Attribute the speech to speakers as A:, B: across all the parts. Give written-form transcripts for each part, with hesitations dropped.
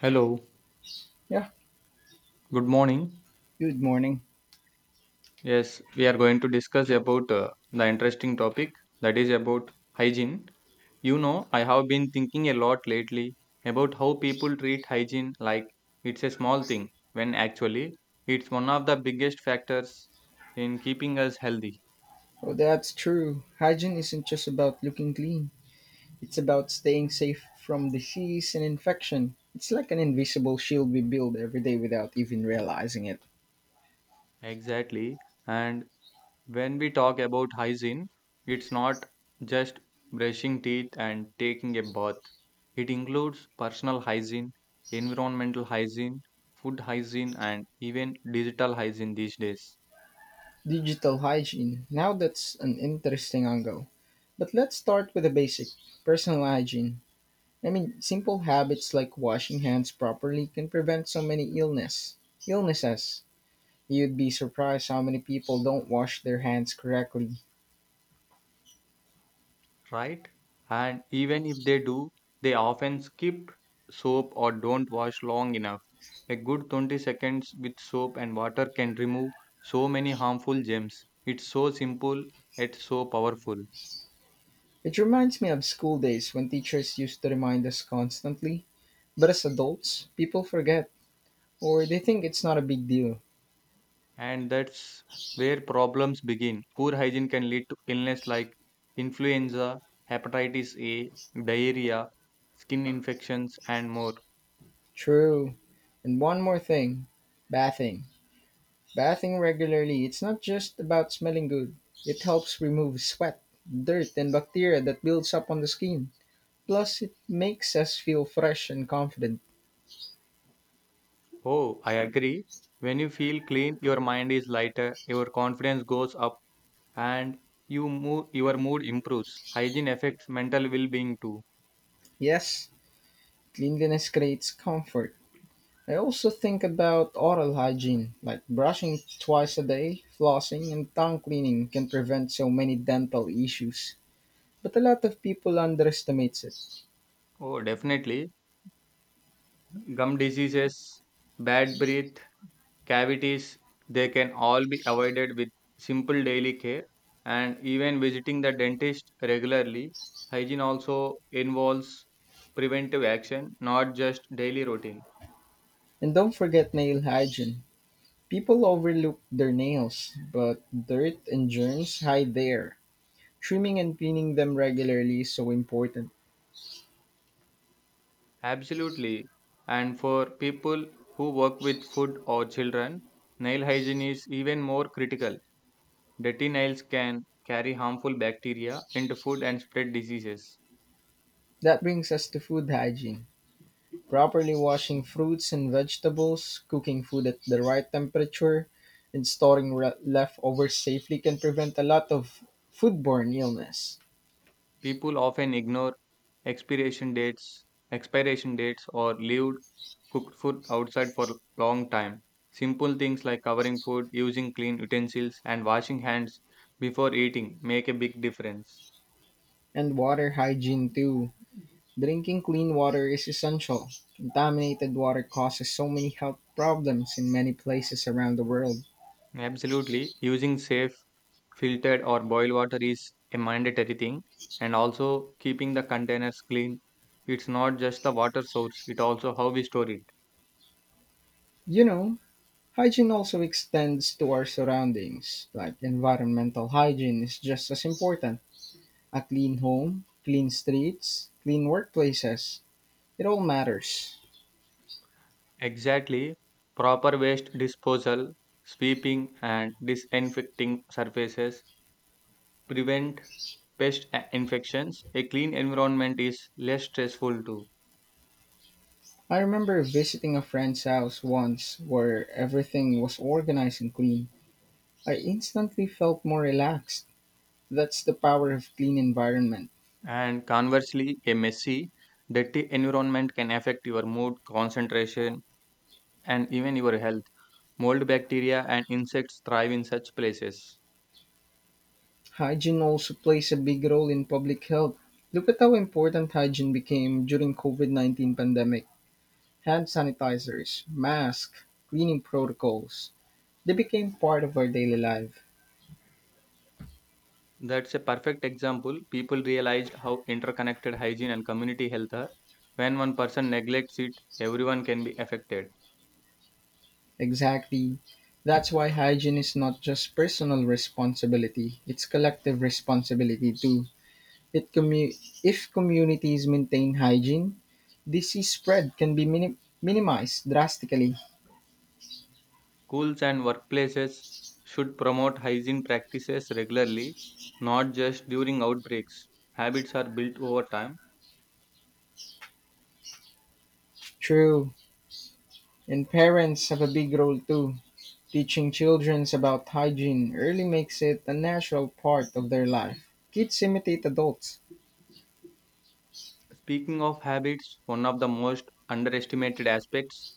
A: Hello,
B: Yeah,
A: good morning.
B: good morning.
A: Yes, we are going to discuss about the interesting topic that is about hygiene. You know, I have been thinking a lot lately about how people treat hygiene like it's a small thing when actually it's one of the biggest factors in keeping us healthy.
B: Oh, that's true. Hygiene isn't just about looking clean, it's about staying safe from disease and infection. It's like an invisible shield we build every day without even realizing it.
A: Exactly. And when we talk about hygiene, it's not just brushing teeth and taking a bath. It includes personal hygiene, environmental hygiene, food hygiene, and even digital hygiene these days,
B: Digital hygiene. Now that's an interesting angle. But let's start with the basic personal hygiene. I mean, simple habits like washing hands properly can prevent so many illnesses. You'd be surprised how many people don't wash their hands correctly.
A: right? And even if they do, they often skip soap or don't wash long enough. A good 20 seconds with soap and water can remove so many harmful germs. It's so simple, yet so powerful.
B: It reminds me of school days when teachers used to remind us constantly. But as adults, people forget, or they think it's not a big deal.
A: And that's where problems begin. Poor hygiene can lead to illness like influenza, hepatitis A, diarrhea, skin infections, and more.
B: True. And one more thing, bathing. Bathing regularly, it's not just about smelling good, it helps remove sweat, dirt, and bacteria that builds up on the skin. Plus, it makes us feel fresh and confident.
A: Oh, I agree. When you feel clean, your mind is lighter, your confidence goes up, and your mood improves. Hygiene affects mental well being too.
B: Yes, cleanliness creates comfort. I also think about oral hygiene, like brushing twice a day, flossing, and tongue cleaning can prevent so many dental issues. But a lot of people underestimate it.
A: Oh, definitely. Gum diseases, bad breath, cavities, they can all be avoided with simple daily care and even visiting the dentist regularly. Hygiene also involves preventive action, not just daily routine.
B: And don't forget nail hygiene. People overlook their nails, but dirt and germs hide there. Trimming and cleaning them regularly is so important.
A: Absolutely. And for people who work with food or children, nail hygiene is even more critical. Dirty nails can carry harmful bacteria into food and spread diseases.
B: That brings us to food hygiene. Properly washing fruits and vegetables, cooking food at the right temperature, and storing leftovers safely can prevent a lot of foodborne illness.
A: People often ignore expiration dates, expiration dates or leave cooked food outside for long time. Simple things like covering food, using clean utensils and washing hands before eating make a big difference.
B: And water hygiene too. Drinking clean water is essential. Contaminated water causes so many health problems in many places around the world.
A: Absolutely. Using safe, filtered, or boiled water is a mandatory thing, and also keeping the containers clean. It's not just the water source, it also how we store it.
B: You know, hygiene also extends to our surroundings, like environmental hygiene is just as important. A clean home, clean streets, clean workplaces, it all matters.
A: Exactly. Proper waste disposal, sweeping, and disinfecting surfaces prevent infections. A clean environment is less stressful too.
B: I remember visiting a friend's house once where everything was organized and clean. I instantly felt more relaxed. That's the power of clean environment.
A: And conversely, a messy, dirty environment can affect your mood, concentration, and even your health. Mold bacteria and insects thrive in such places.
B: Hygiene also plays a big role in public health. Look at how important hygiene became during COVID-19 pandemic. Hand sanitizers, masks, cleaning protocols. They became part of our daily life.
A: That's a perfect example. People realized how interconnected hygiene and community health are. When one person neglects it, everyone can be affected.
B: Exactly. That's why hygiene is not just personal responsibility, it's collective responsibility too. It commu- if communities maintain hygiene, disease spread can be minimized drastically.
A: Schools and workplaces should promote hygiene practices regularly, not just during outbreaks. Habits are built over time.
B: True. And parents have a big role too. Teaching children about hygiene early makes it a natural part of their life. Kids imitate adults.
A: Speaking of habits, one of the most underestimated aspects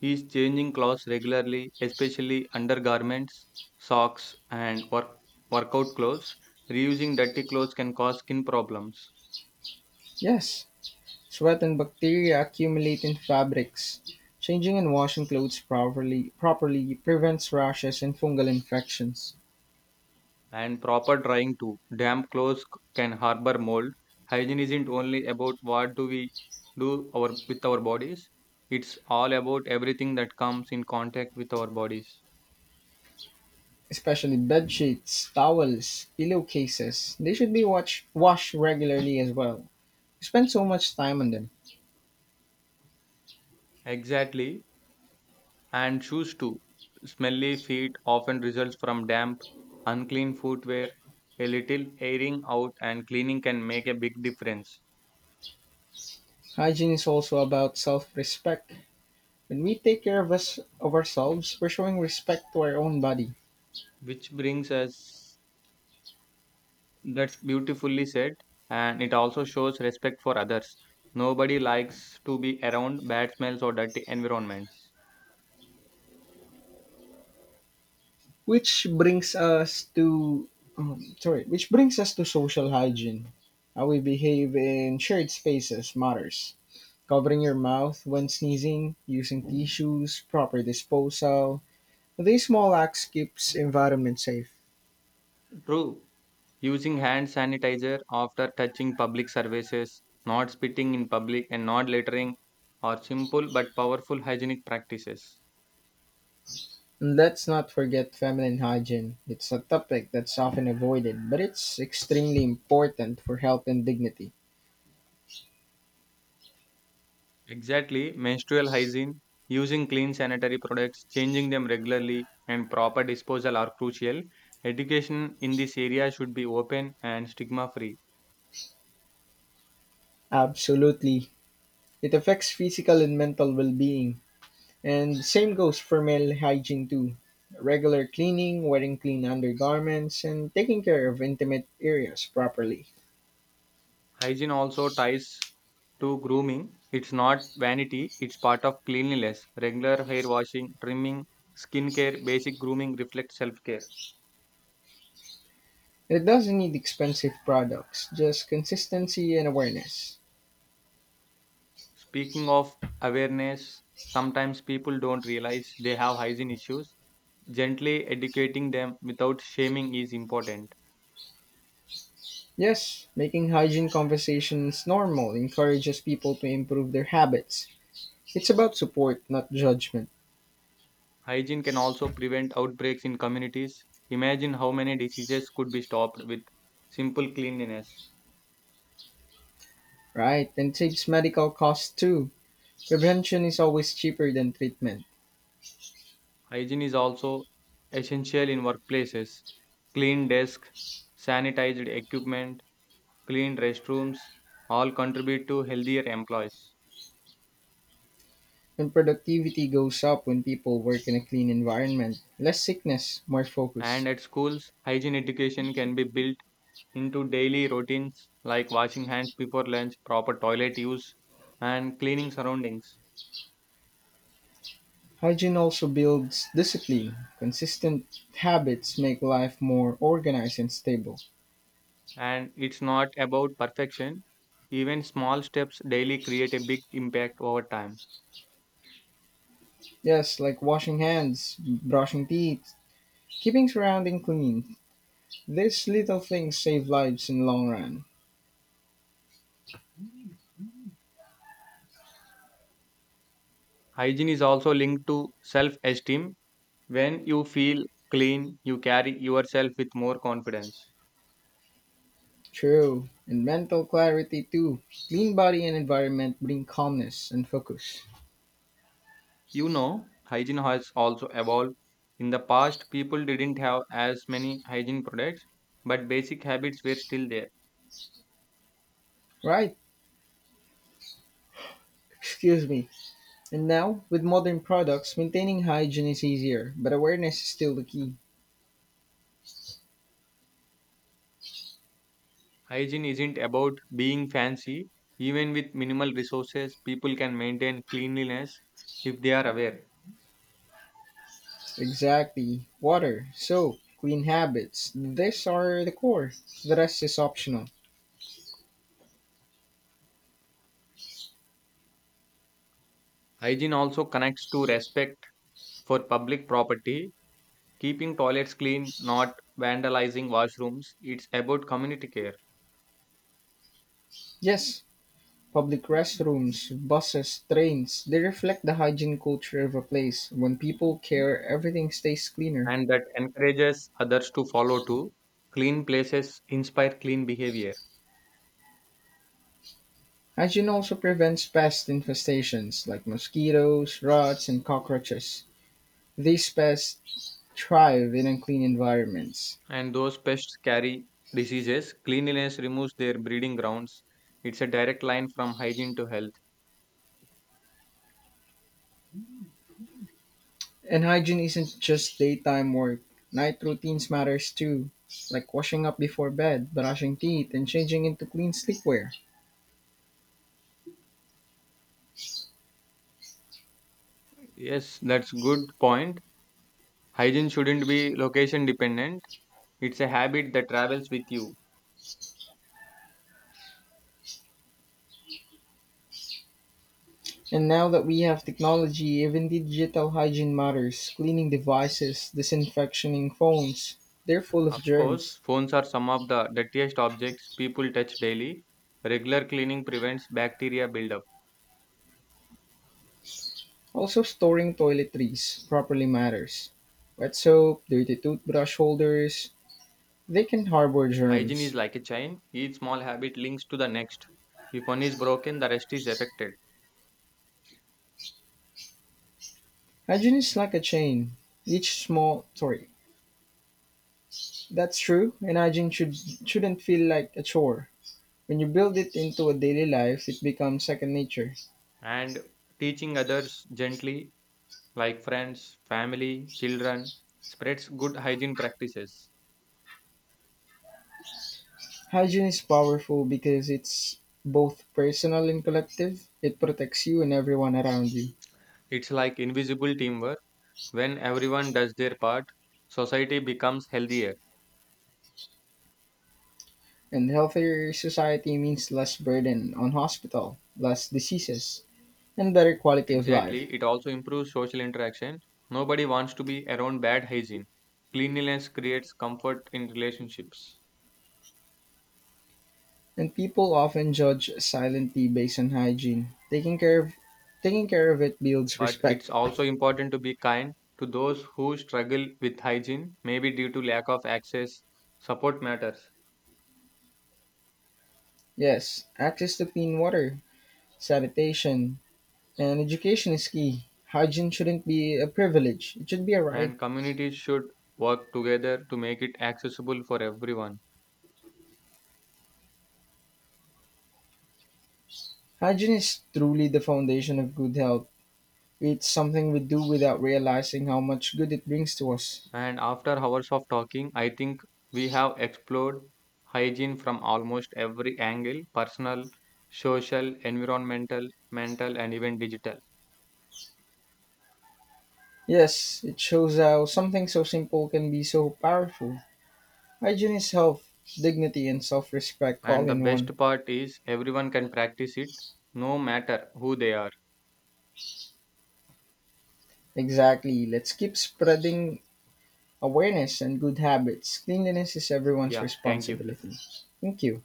A: is changing clothes regularly, especially undergarments, socks, and workout clothes. Reusing dirty clothes can cause skin problems,
B: Yes, sweat and bacteria accumulate in fabrics. Changing and washing clothes properly prevents rashes and fungal infections,
A: and proper drying too. Damp clothes can harbor mold. Hygiene isn't only about what do we with our bodies, it's all about everything that comes in contact with our bodies.
B: especially bed sheets, towels, pillowcases. They should be washed regularly as well. We spend so much time on them.
A: Exactly. And shoes too. Smelly feet often results from damp, unclean footwear. A little airing out and cleaning can make a big difference.
B: Hygiene is also about self-respect. When we take care of ourselves, we're showing respect to our own body.
A: Which brings us that's beautifully said, and it also shows respect for others. Nobody likes to be around bad smells or dirty environments.
B: Which brings us to sorry, which brings us to social hygiene. How we behave in shared spaces matters. Covering your mouth when sneezing, using tissues, proper disposal. These small acts keeps environment safe.
A: True. Using hand sanitizer after touching public surfaces, not spitting in public, and not littering are simple but powerful hygienic practices.
B: And let's not forget feminine hygiene. It's a topic that's often avoided, but it's extremely important for health and dignity.
A: Exactly, menstrual hygiene, using clean sanitary products, changing them regularly, and proper disposal are crucial. Education in this area should be open and stigma free.
B: Absolutely. It affects physical and mental well-being. And same goes for male hygiene too. Regular cleaning, wearing clean undergarments, and taking care of intimate areas properly.
A: Hygiene also ties to grooming. It's not vanity, it's part of cleanliness. Regular hair washing, trimming, skincare, basic grooming reflect self care.
B: It doesn't need expensive products, just consistency and awareness.
A: Speaking of awareness, sometimes people don't realize they have hygiene issues. Gently educating them without shaming is important.
B: Yes, making hygiene conversations normal encourages people to improve their habits. It's about support, not judgment,
A: Hygiene can also prevent outbreaks in communities. Imagine how many diseases could be stopped with simple cleanliness.
B: right? And saves medical costs too. Prevention is always cheaper than treatment.
A: Hygiene is also essential in workplaces. Clean desks, sanitized equipment, clean restrooms all contribute to healthier employees.
B: And productivity goes up when people work in a clean environment. Less sickness, more focus.
A: And at schools, hygiene education can be built into daily routines like washing hands before lunch, proper toilet use, and cleaning surroundings.
B: Hygiene also builds discipline. Consistent habits make life more organized and stable.
A: And it's not about perfection. Even small steps daily create a big impact over time.
B: Yes, like washing hands, brushing teeth, keeping surrounding clean. These little things save lives in the long run.
A: Hygiene is also linked to self esteem. When you feel clean, you carry yourself with more confidence.
B: True. And mental clarity too. Clean body and environment bring calmness and focus.
A: You know, hygiene has also evolved. In the past, people didn't have as many hygiene products, but basic habits were still there.
B: Right. Excuse me. And now, with modern products, maintaining hygiene is easier, but awareness is still the key.
A: Hygiene isn't about being fancy. Even with minimal resources, people can maintain cleanliness if they are aware.
B: Exactly. Water, soap, clean habits. These are the core. The rest is optional.
A: Hygiene also connects to respect for public property, keeping toilets clean, not vandalizing washrooms. It's about community care
B: Yes, public restrooms, buses, trains, they reflect the hygiene culture of a place. When people care, everything stays cleaner.
A: and that encourages others to follow too. Clean places inspire clean behavior,
B: Hygiene also prevents pest infestations like mosquitoes, rats, and cockroaches. These pests thrive in unclean environments.
A: and those pests carry diseases. Cleanliness removes their breeding grounds. It's a direct line from hygiene to health.
B: And hygiene isn't just daytime work. Night routines matters too, like washing up before bed, brushing teeth, and changing into clean sleepwear.
A: Yes, that's good point. Hygiene shouldn't be location dependent. It's a habit that travels with you.
B: And now that we have technology, even digital hygiene matters. Cleaning devices, disinfecting phones, they're full of
A: Of course,
B: germs.
A: phones are some of the dirtiest objects people touch daily. Regular cleaning prevents bacteria buildup.
B: Also storing toiletries properly matters. Wet soap, dirty toothbrush holders, they can harbor
A: Hygiene is
B: germs.
A: like a chain, each small habit links to the next. If one is broken, the rest is affected.
B: Hygiene is like a chain. Each small, sorry, That's true, and shouldn't feel like a chore. When you build it into a daily life, it becomes second nature.
A: And teaching others gently, like friends, family, children, spreads good hygiene practices.
B: Hygiene is powerful because it's both personal and collective. It protects you and everyone around you.
A: It's like invisible teamwork. When everyone does their part, society becomes healthier.
B: And healthier society means less burden on hospital, less diseases, and better quality of life.
A: Exactly, it also improves social interaction. Nobody wants to be around bad hygiene. Cleanliness creates comfort in relationships.
B: And people often judge silently based on hygiene. Taking care of it builds
A: But
B: respect.
A: it's also important to be kind to those who struggle with hygiene, maybe due to lack of access. Support matters,
B: Yes, access to clean water, sanitation, and education is key. Hygiene shouldn't be a privilege, it should be a right.
A: and communities should work together to make it accessible for everyone.
B: Hygiene is truly the foundation of good health. It's something we do without realizing how much good it brings to us.
A: And after hours of talking, I think we have explored hygiene from almost every angle personal, social, environmental, mental, and even digital.
B: Yes, it shows how something so simple can be so powerful. Hygiene is health, dignity, and self respect all
A: And the
B: in one.
A: best part is everyone can practice it no matter who they are.
B: Exactly. Let's keep spreading awareness and good habits. Cleanliness is everyone's
A: Yeah, thank you.
B: responsibility. Thank you.